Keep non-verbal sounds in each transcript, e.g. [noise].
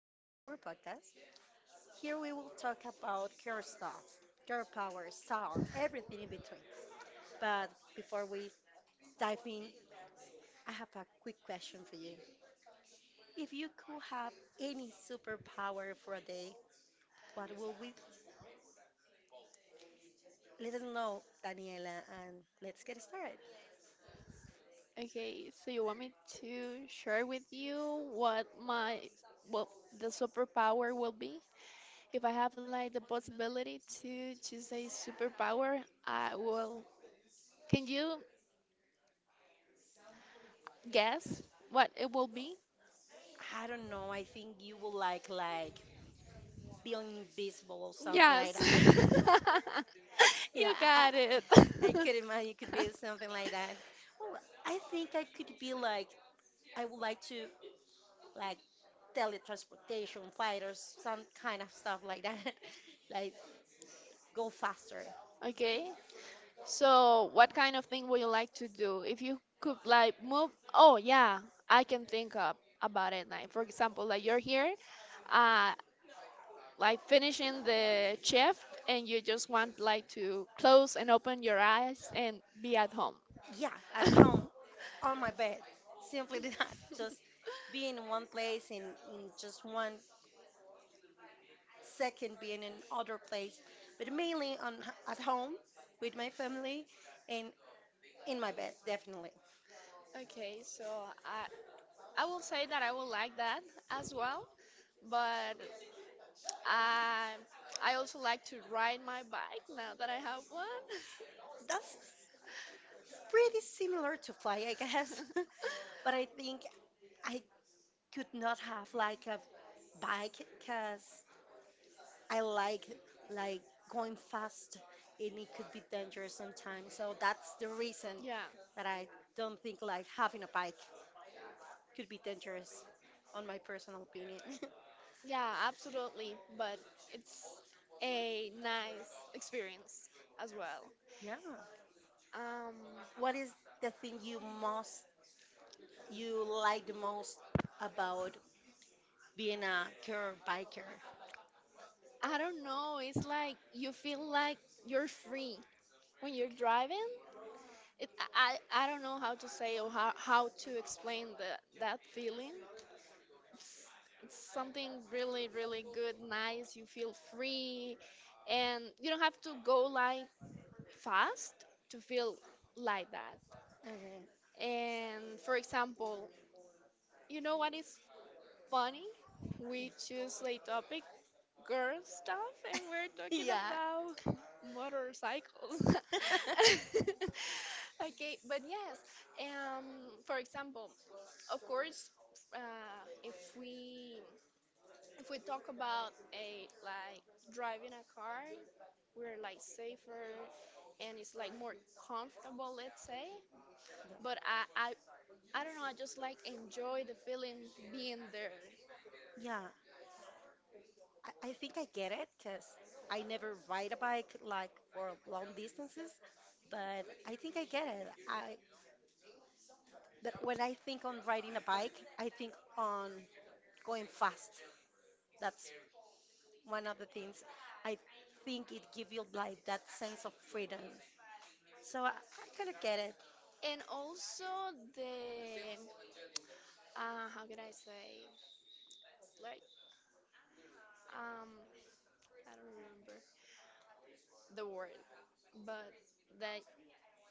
to our podcast. Here we will talk about care stuff, care power, style, everything in between. But before we dive in, I have a quick question for you. If you could have any superpower for a day, what would we? Let us know, Daniela, and let's get started. Okay, so you want me to share with you what my well the superpower will be? If I have like the possibility to choose a superpower, I will. Can you guess what it will be? I don't know. I think you would like being invisible or something like Yes. that. [laughs] [laughs] Yeah, You got it. I could imagine it could be [laughs] something like that. Well, I think I could be like I would like to like teletransportation fighters, some kind of stuff like that. [laughs] Like go faster. Okay. So, what kind of thing would you like to do? If you could like move, oh yeah, I can think up about it. Like for example, like you're here, uh, like finishing the shift, and you just want like to close and open your eyes and be at home. Yeah, at home, [laughs] on my bed. Simply [laughs] that. Just being in one place and in just one second being in other place. But mainly on at home with my family and in my bed, definitely. Okay, so I I will say that I will like that as well, but I I also like to ride my bike now that I have That's pretty one. similar to fly, I guess. [laughs] [laughs] But I think I could not have like a bike because I like going fast, and it could be dangerous sometimes. So that's the reason Yeah, that I don't think like having a bike could be dangerous on my personal opinion. yeah, absolutely. But it's a nice experience as well. [laughs] Yeah. Um, What is the thing you like the most about being a girl biker? I don't know. It's like you feel like you're free when you're driving. It, I don't know how to say or how to explain that feeling. It's, it's something really, really good, nice. You feel free, and you don't have to go like fast to feel like that. Okay. And for example, you know what is funny? We choose a topic, girl stuff, and we're [laughs] talking Yeah. about motorcycles. [laughs] Okay, but yes, um, for example, of course, uh, if we if we talk about a like driving a car, we're like safer and it's like more comfortable, let's say. But I don't know, I just like enjoy the feeling being there. Yeah. Yeah, I think I get it because I never ride a bike like for long distances, but I think I get it. I but when I think on riding a bike, I think on going fast. That's one of the things I think it gives you like that sense of freedom. So I kind of get it. And also the how can I say? Like um I don't remember the word, but that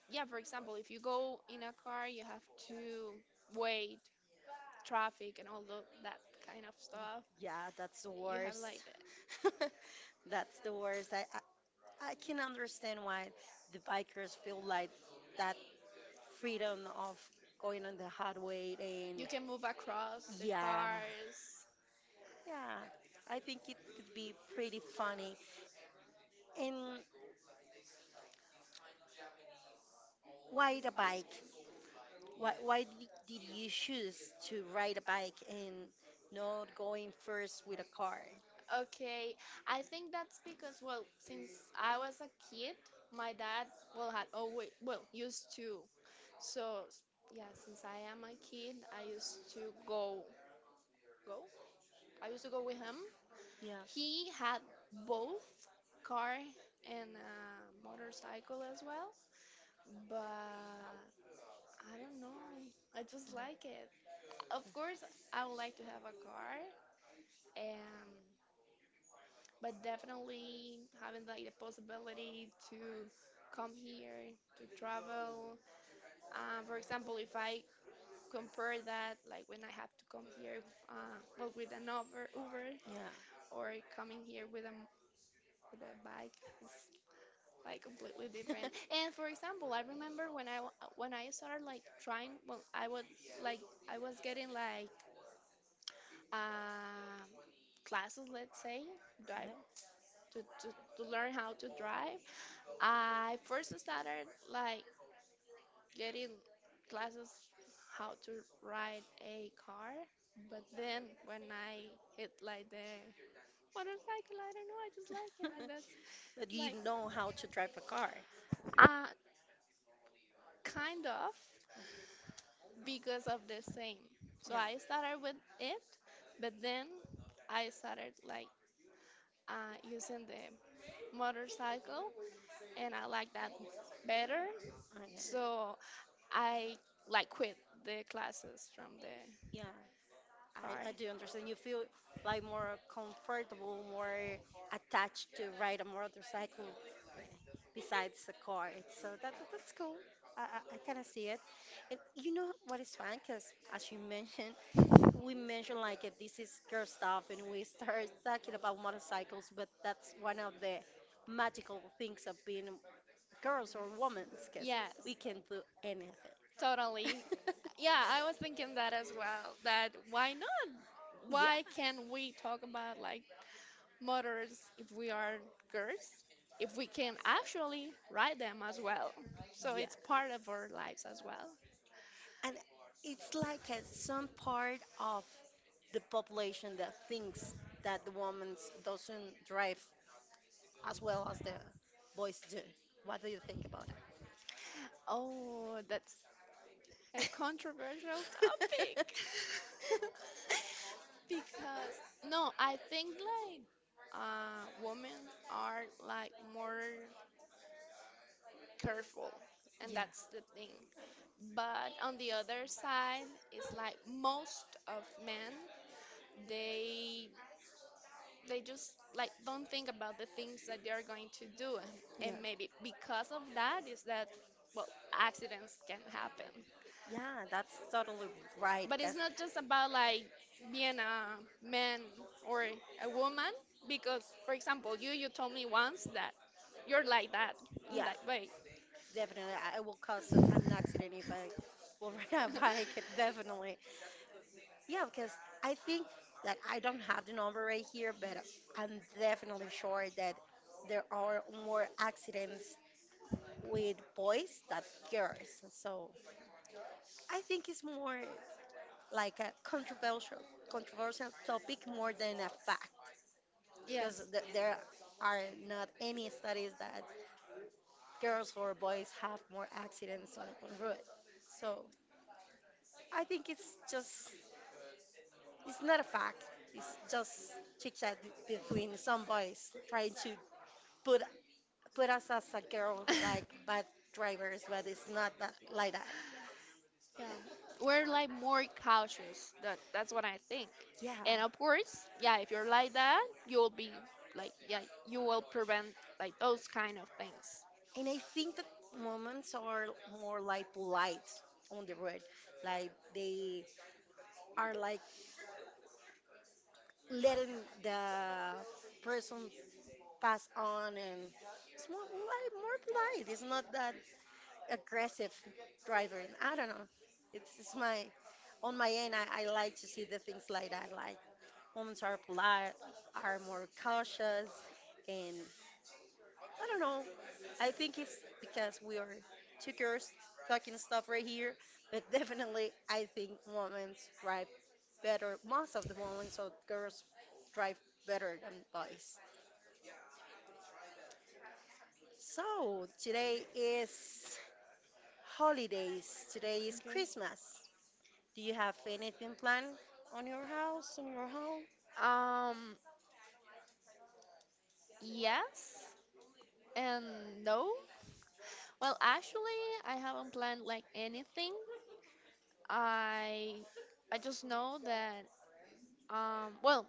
yeah, for example, if you go in a car, you have to wait traffic and all that kind of stuff. Yeah, that's the You have worst. like the, [laughs] That's the worst. I can understand why the bikers feel like that freedom of going on the hard way, and you can move across the yeah, cars. yeah, I think it could be pretty funny. And why the bike, did you choose to ride a bike and not going first with a car? Okay, I think that's because, well, since I was a kid, my dad, well, had always, well, used to. So, yeah, since I am a kid, I used to go, go? I used to go with him. Yeah. He had both car and a motorcycle as well, but I don't know. I just like it. Of course, I would like to have a car. Um, but definitely having like the possibility to come here to travel, for example if I compare that like when I have to come here, well with an uber Yeah. or coming here with a with a bike, it's like completely different. [laughs] And for example I remember when I when I started like trying, well I was like I was getting like um classes, let's say, drive to, to, to learn how to drive. I first started like getting classes how to ride a car, but then when I hit like the motorcycle, I don't know, I just like Yeah. it, and that's [laughs] But you like know how to drive a car? uh kind of because of the same. So Yeah. I started with it, but then I started like using the motorcycle, and I like that better. Okay. So I like quit the classes from the Yeah, car. I do understand. You feel like more comfortable, more attached to ride a motorcycle, eh, besides the car. So that's cool. I kind of see it. And you know what is fun? Because as you mentioned, we mentioned like this is girl stuff and we start [laughs] talking about motorcycles, but that's one of the magical things of being girls or women because we Yes, can do anything. totally. Yeah, I was thinking that as [laughs] well. That why not? Why Yeah. can't we talk about like motors if we are girls? If we can actually ride them as well. So Yeah. it's part of our lives as well. And it's like a, some part of the population that thinks that the woman doesn't drive as well as the boys do. What do you think about that? Oh, that's a controversial topic. [laughs] [laughs] Because no, I think like women are like more careful and Yeah. that's the thing, but on the other side it's like most of men, they they just like don't think about the things that they are going to do, Yeah. and maybe because of that is that, well, accidents can happen. Yeah, that's totally right. But it's Yes. not just about like being a man or a woman, because for example you told me once that you're like that in Yeah, that way. definitely. I will cause an accident if I will [laughs] ride a bike. [laughs] Definitely. Yeah, because I think that I don't have the number right here, but I'm definitely sure that there are more accidents with boys that girls. So I think it's more like a controversial topic more than a fact because Yes. There are not any studies that girls or boys have more accidents on, road. So I think it's just it's not a fact. It's just chit chat between some boys trying to put put us as a girl like bad drivers, but it's not that like that. Yeah. We're like more cautious. That's what I think. Yeah. And of course, yeah, if you're like that, you'll be like, yeah, you will prevent like those kind of things. And I think that moments are more like polite on the road. Like they are like letting the person pass on, and it's more polite, more polite. It's not that aggressive driver. And I don't know. It's my, on my end, I like to see the things like that. Like moments are polite, are more cautious, and I don't know. I think it's because we are two girls talking stuff right here, but [laughs] definitely I think women drive better. Most of the women, so girls drive better than boys. So today is holidays. Today is Okay. Christmas. Do you have anything planned on your house, on your home? Um yes and no. Well, actually, I haven't planned like anything. I I just know that, well,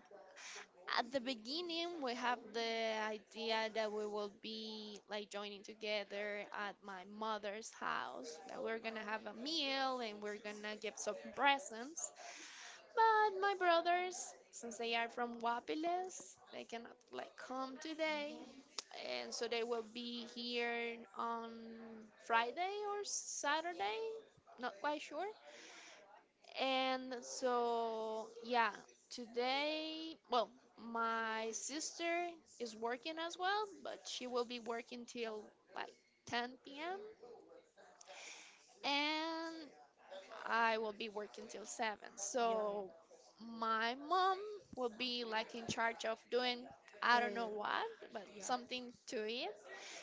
at the beginning we have the idea that we will be like joining together at my mother's house, that we're gonna have a meal and we're gonna give some presents, but my brothers, since they are from Guapiles, they cannot like come today, and so they will be here on Friday or Saturday, not quite sure. And so, yeah, today, well, my sister is working as well, but she will be working till like 10 p.m. and I will be working till 7. Yeah. So my mom will be like in charge of doing I don't Eh, know what, but yeah. something to eat.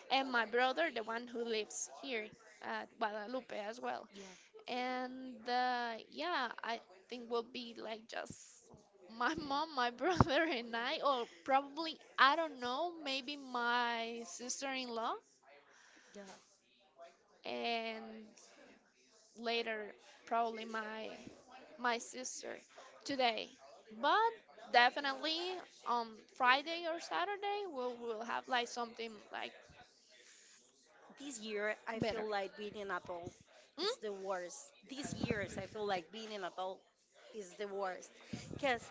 And my brother, the one who lives here at Guadalupe as well, Yeah. and yeah, I think will be like just my mom, my [laughs] brother, and I, or probably, I don't know, maybe my sister in law, Yeah. and later, probably my sister today. But definitely on Friday or Saturday, we'll have like something like This year, I better. feel like being an adult Hmm? is the worst. These years, I feel like being an adult is the worst because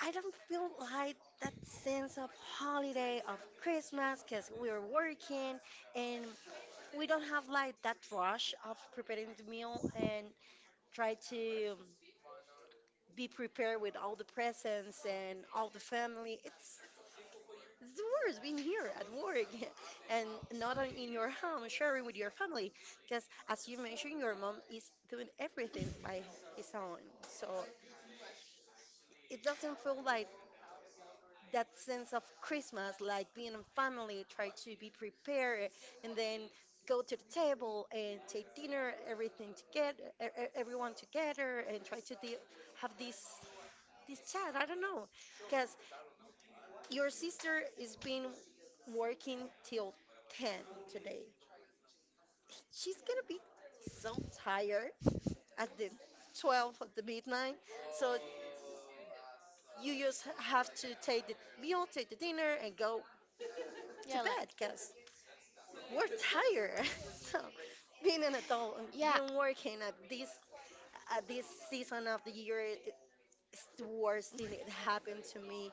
I don't feel like that sense of holiday of Christmas because we're working, and we don't have like that rush of preparing the meal and try to be prepared with all the presents and all the family. It's the worst being here at work [laughs] and not in your home, sharing with your family. Because as you mentioned, your mom is doing everything by his own. So it doesn't feel like that sense of Christmas, like being in family, try to be prepared and then go to the table and take dinner, everything together, everyone together, and try to deal, have this chat. I don't know, because your sister is been working till 10 today. She's gonna be so tired at the 12 at the midnight. So you just have to take the meal, take the dinner, and go to Yeah, like, bed because we're tired. [laughs] So being an adult and yeah. being working at this season of the year, it's the worst thing that happened to me.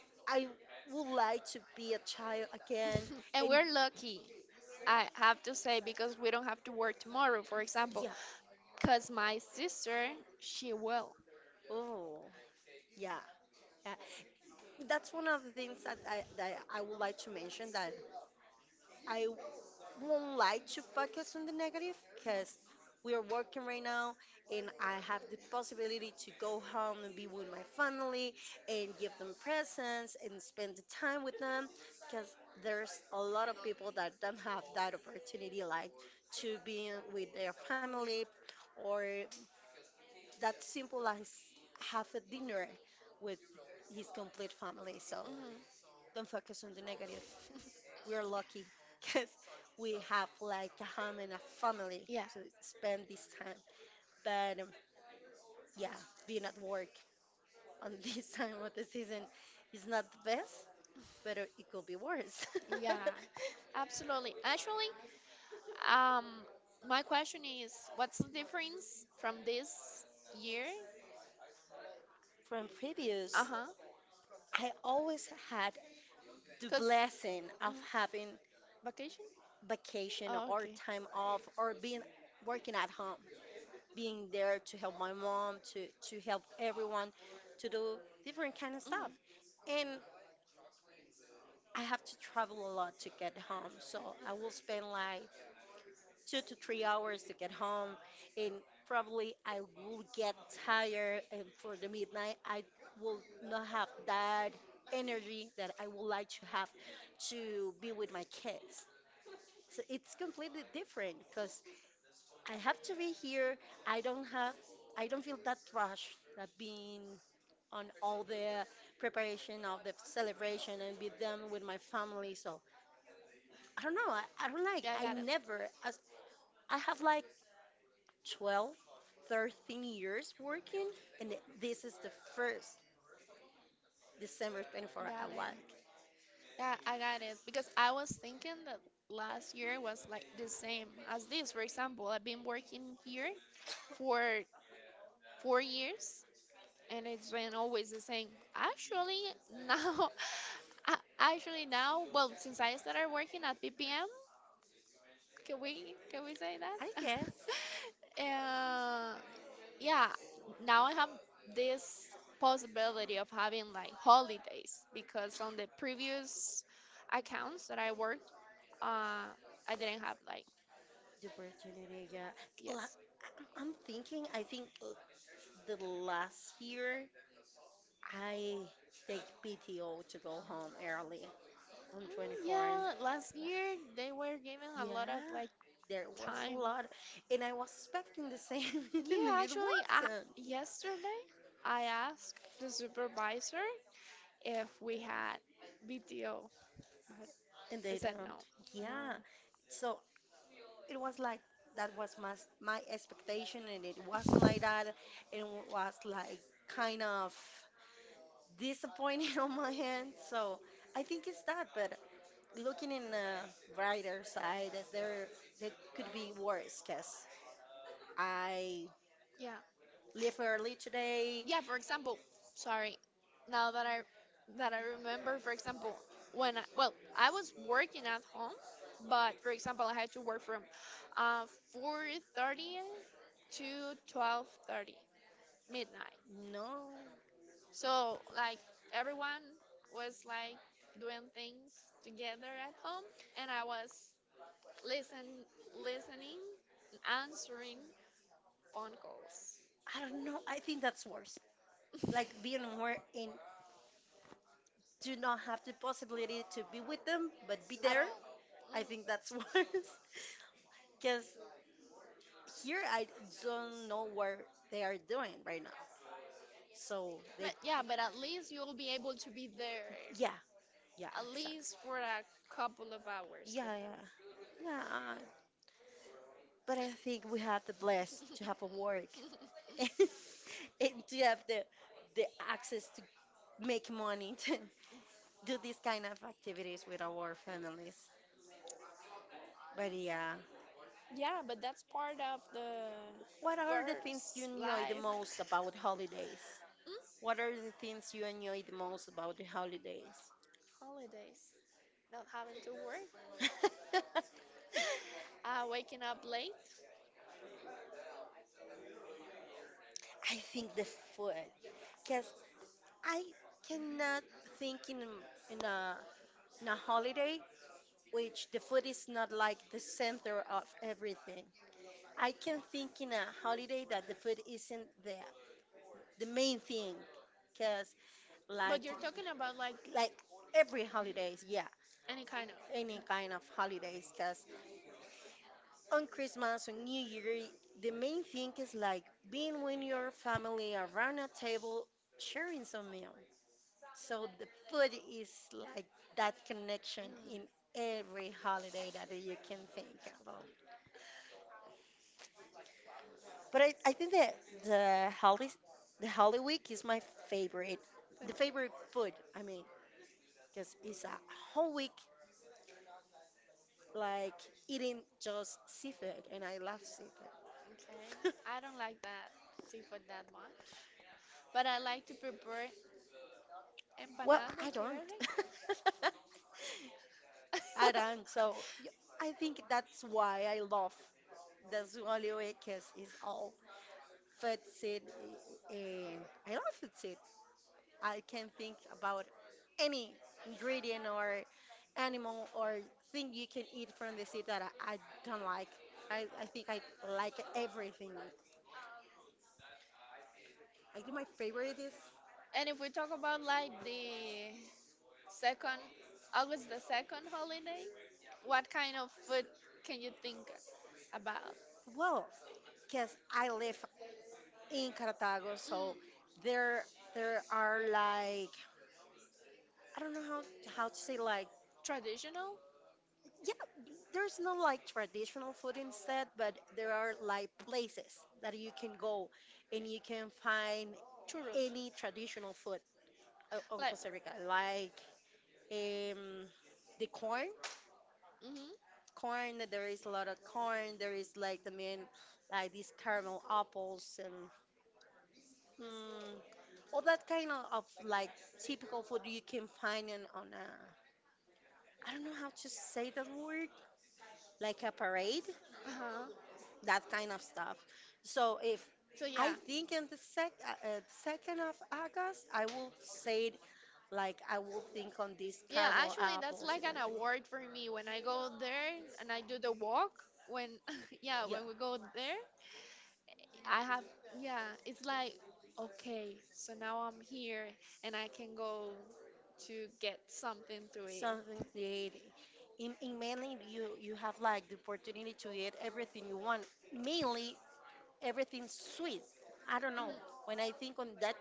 [laughs] I would like to be a child again. And And we're lucky, I have to say, because we don't have to work tomorrow, for example. yeah. Because my sister, she will. Oh, yeah. Yeah. That's one of the things that that I would like to mention, that I won't like to focus on the negative because we are working right now and I have the possibility to go home and be with my family and give them presents and spend the time with them because there's a lot of people that don't have that opportunity like to be with their family or that simple as have a dinner with his complete family. So Hmm. don't focus on the negative. We are lucky [laughs] because we have like a home and a family Yeah, to spend this time. But yeah, being at work on [laughs] this time of the season is not the best, but it could be worse. yeah, [laughs] absolutely. Actually, um, my question is what's the difference from this year. From Uh previous, huh. I always had the Because blessing of having vacation. vacation Oh, or okay. time off or being working at home. Being there to help my mom, to help everyone, to do different kind of stuff. Mhm. And I have to travel a lot to get home, so I will spend like 2 to 3 hours to get home, and probably I will get tired. And for the midnight, I will not have that energy that I would like to have to be with my kids. So it's completely different because I have to be here. I don't have I don't feel that rush that being on all the preparation of the celebration and with them with my family. So I don't know. I don't like Yeah, I I got it. never as I have like 12, 13 years working, and this is the first December 24th I Got it. work. Yeah, I got it. Because I was thinking that last year was like the same as this. For example, I've been working here for 4 years and it's been always the same. Actually, now, [laughs] actually now, well, since I started working at BPM, can we say that? I [laughs] guess uh, yeah, now I have this possibility of having like holidays because on the previous accounts that I worked, uh, I didn't have like the opportunity, yeah. La- yes. I'm thinking, I think the last year I take PTO to go home early on Mm. 24 and four. Yeah, last year they were given a lot of Yeah, like there was a time. lot, and I was expecting the same, [laughs] and Yeah, it actually, wasn't, yesterday I asked the supervisor if we had BTO, but and he they said no. don't. No. Yeah, so it was like that was my expectation, and it wasn't like that, and it was like kind of disappointing [laughs] on my end. So I think it's that, but looking in the brighter side, there could be worse, cause I Yeah. leave early today. Yeah, for example, sorry. Now that I remember, for example, when I, well, I was working at home, but for example, I had to work from uh 4:30 to 12:30 midnight. No, So like everyone was like doing things together at home, and I was listen listening, answering phone calls. I don't know. I think that's worse. Like being [laughs] more and do not have the possibility to be with them, but be At there. all. Mm. I think that's [laughs] worse. Because here I don't know where they are doing right now. So they, But yeah, but at least you'll be able to be there yeah, yeah, at exactly. least for a couple of hours. Yeah, yeah, yeah. But I think we have the bless to have a work [laughs] and to have the access make money to [laughs] do these kind of activities with our families. But yeah, Yeah, but that's part of the what are the things you girl's enjoy the life. most about holidays? Mm? What are the things you enjoy the most about the holidays? Holidays. Not having to work, [laughs] waking up late. I think the food, because I cannot think in a in a holiday which the food is not like the center of everything. I can think in a holiday that the food isn't the main thing, because like But you're talking about like like every holidays yeah any kind of. any kind of holidays because on Christmas on New Year the main thing is like being with your family around a table sharing some meal so the food is like that connection Mm, in every holiday that you can think about. But I think that the holiday the holy week is my favorite, the favorite. favorite food I mean, because it's a whole week like eating just seafood, and I love seafood. Okay. I [laughs] don't like that seafood that much, but I like to prepare Well, empanada de I don't. chiverri. [laughs] I don't. [laughs] So I think that's why I love the Zwali way because it's all food seed, and I love food seed. I can think about any ingredient or animal or thing you can eat from the seed that I don't like. I think I like everything. I think my favorite is And if we talk about like the second, August the second holiday, what kind of food can you think about? well, because I live in Cartago. Mm, So there there are like I don't know how to say like traditional yeah, there's no like traditional food instead, but there are like places that you can go and you can find churros. any traditional food on Like, Costa Rica, like um, the corn. mhm, Corn, there is a lot of corn. There is like the main, like these caramel apples and Mm, all that kind of like typical food you can find on a, I don't know how to say that word, like a parade, uh-huh. that kind of stuff. So if So yeah, I think in the 2nd of August, I will say it like I will think on these yeah. caramel Actually, that's apples like and an like that. award for me when I go there and I do the walk. When [laughs] yeah, Yeah. when we go there, I have yeah. It's like okay, so now I'm here and I can go to get something to eat. Something creative. In mainly you have like the opportunity to eat everything you want, mainly everything sweet. I don't know. Mm. When I think on that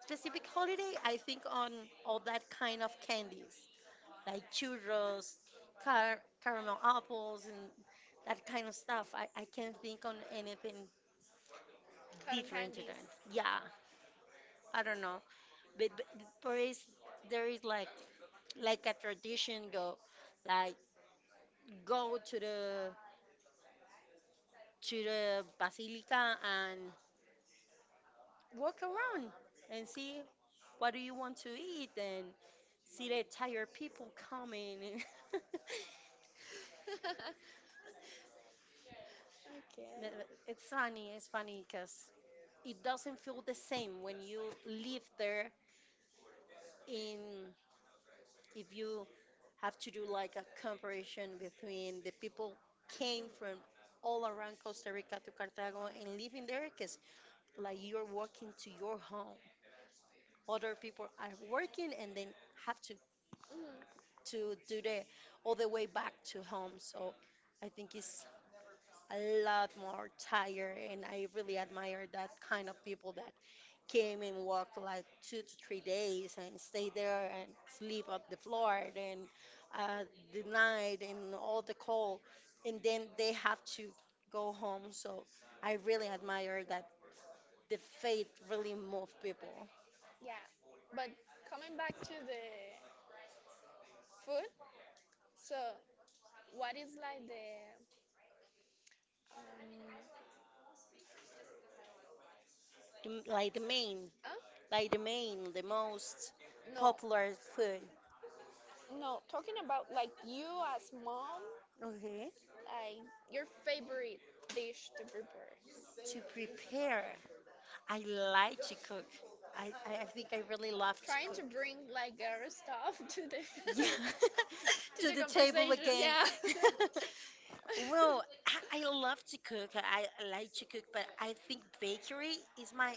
specific holiday, I think on all that kind of candies, like churros, car caramel apples, and that kind of stuff. I can't think on anything Cotton different to candies. that. Yeah, I don't know. But there is there is like a tradition go like go to the basilica and walk around and see what do you want to eat and see the tired people coming. [laughs] [laughs] Okay. It's funny because it doesn't feel the same when you live there in if you have to do like a comparison between the people came from all around Costa Rica to Cartago and living there because like you're walking to your home. Other people are working and then have Mm, to do the all the way back to home. So I think it's a lot more tired and I really admire that kind of people that came and walked like 2 to 3 days and stay there and sleep on the floor and uh, the night and all the cold and then they have to go home. So I really admire that the faith really moved people, yeah. But coming back to the food, so what is like the um the- huh? like the main, the most No, popular food. no, talking about like you as mom, Okay. like your favorite dish to prepare. To prepare, I like to cook. I think I really love to Trying to cook. bring like girl stuff to the Yeah, [laughs] [laughs] to to the the table conversation. again. Yeah. [laughs] [laughs] Mhm. Well, I love to cook. I like to cook, but I think bakery is my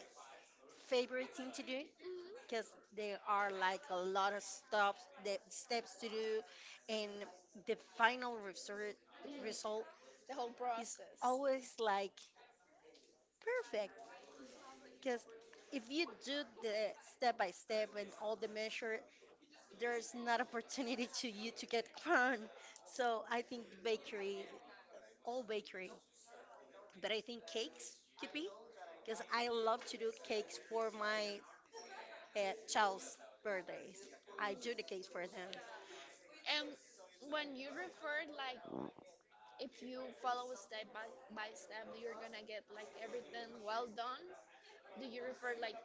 favorite thing to do Mhm. because there are like a lot of stops, the steps to do, and the final result The whole is process. always like perfect because if you do the step by step and all the measure, there's not [laughs] opportunity to you to get [laughs] burned. So I think bakery, all bakery, but I think cakes could be because I love to do cakes for my uh, child's birthdays. I do the cakes for them. And when you refer like if you follow by step, you're gonna get like everything well done. Do you refer like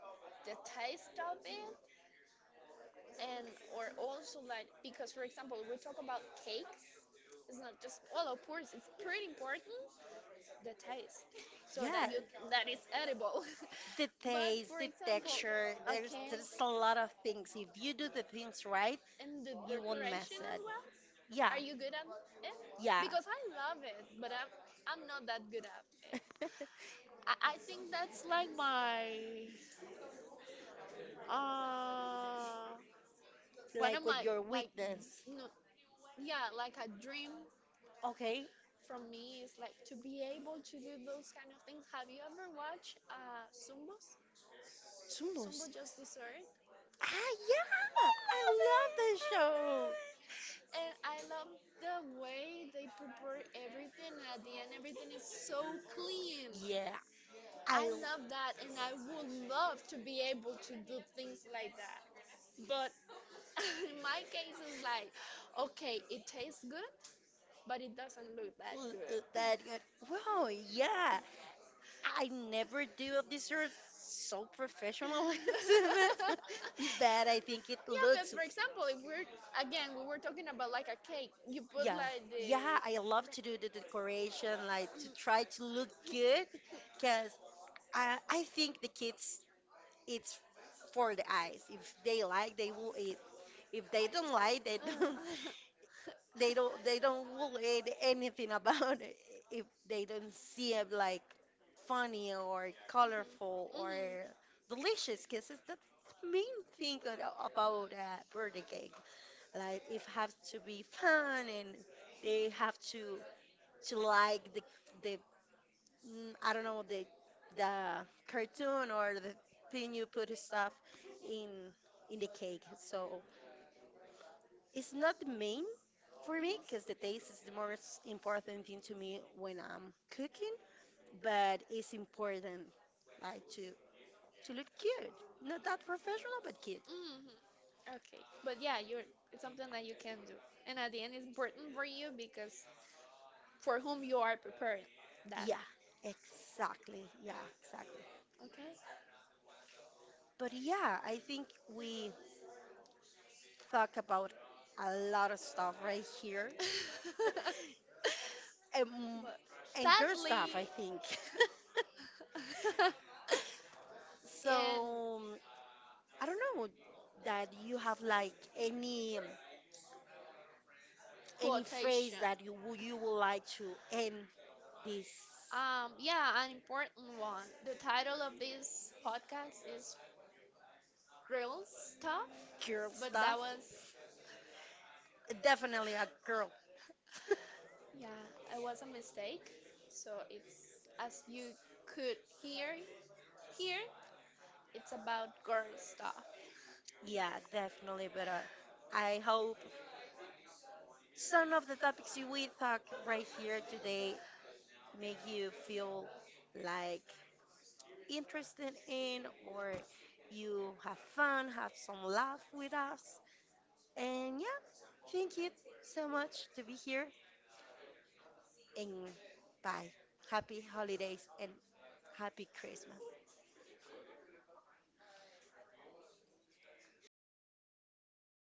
the taste of it, and or also like because for example we talk about cakes, it's not just, well, of course it's pretty important the taste so that Yeah, you, that is edible, the [laughs] but taste, for the example texture. There's okay, there's a lot of things. If you do the things right, and the you won't mess decoration as it. well, Yeah, are you good at it? yeah. Because I love it but I'm not that good at it. [laughs] I think that's like my uh one of Like with my your like, weakness. no, no, yeah, like a dream Okay, from me is like to be able to do those kind of things. Have you ever watched Zumbos? Zumbo Sumbos. Just Dessert? Ah, yeah, I love that show. And I love the way they prepare everything. At the end, everything is so clean. Yeah, I I L- love that, and I would love to be able to do things like that. But [laughs] in my case, it's like, okay, it tastes good, but it doesn't look that good. But that good. I Wow, yeah. I never never do do a dessert so [laughs] professional [laughs] as yeah, this, but [laughs] I think it but looks. for example, if we're again we were talking about like a cake, you put Yeah, like yeah. the I love to do the decoration, like to try to look good, because I think the kids it's for the eyes. If they like, they will eat. If they don't like, they don't. [laughs] Uh, [laughs] They don't. They don't will eat anything about it if they don't see it like funny or colorful or Mhm. delicious. Because it's the main thing about birthday cake. Like it has to be fun and they have to like the mm, I don't know the cartoon or the thing you put stuff in in the cake. So it's not the main for me because the taste is the most important thing to me when I'm cooking, but it's important like to look cute. Not that professional, but cute. Mhm. Okay, but yeah, you're it's something that you can do, and at the end, it's important for you because for whom you are prepared that Yeah, exactly. Yeah, exactly. okay. But yeah, I think we talk about a lot of stuff right here. [laughs] [laughs] um, But and girl stuff, sadly I think. [laughs] [laughs] in So I don't know that you have like any phrase quotation, that you would like to end this yeah, an important one, the title of this podcast is real stuff, girl but that stuff. was Definitely a girl. [laughs] yeah it was a mistake, so it's as you could hear here, it's about girl stuff. Yeah, definitely. But I hope some of the topics you we talk right here today make you feel like interested in or you have fun, have some laugh with us. And yeah, thank you so much to be here and bye. Happy holidays and happy Christmas.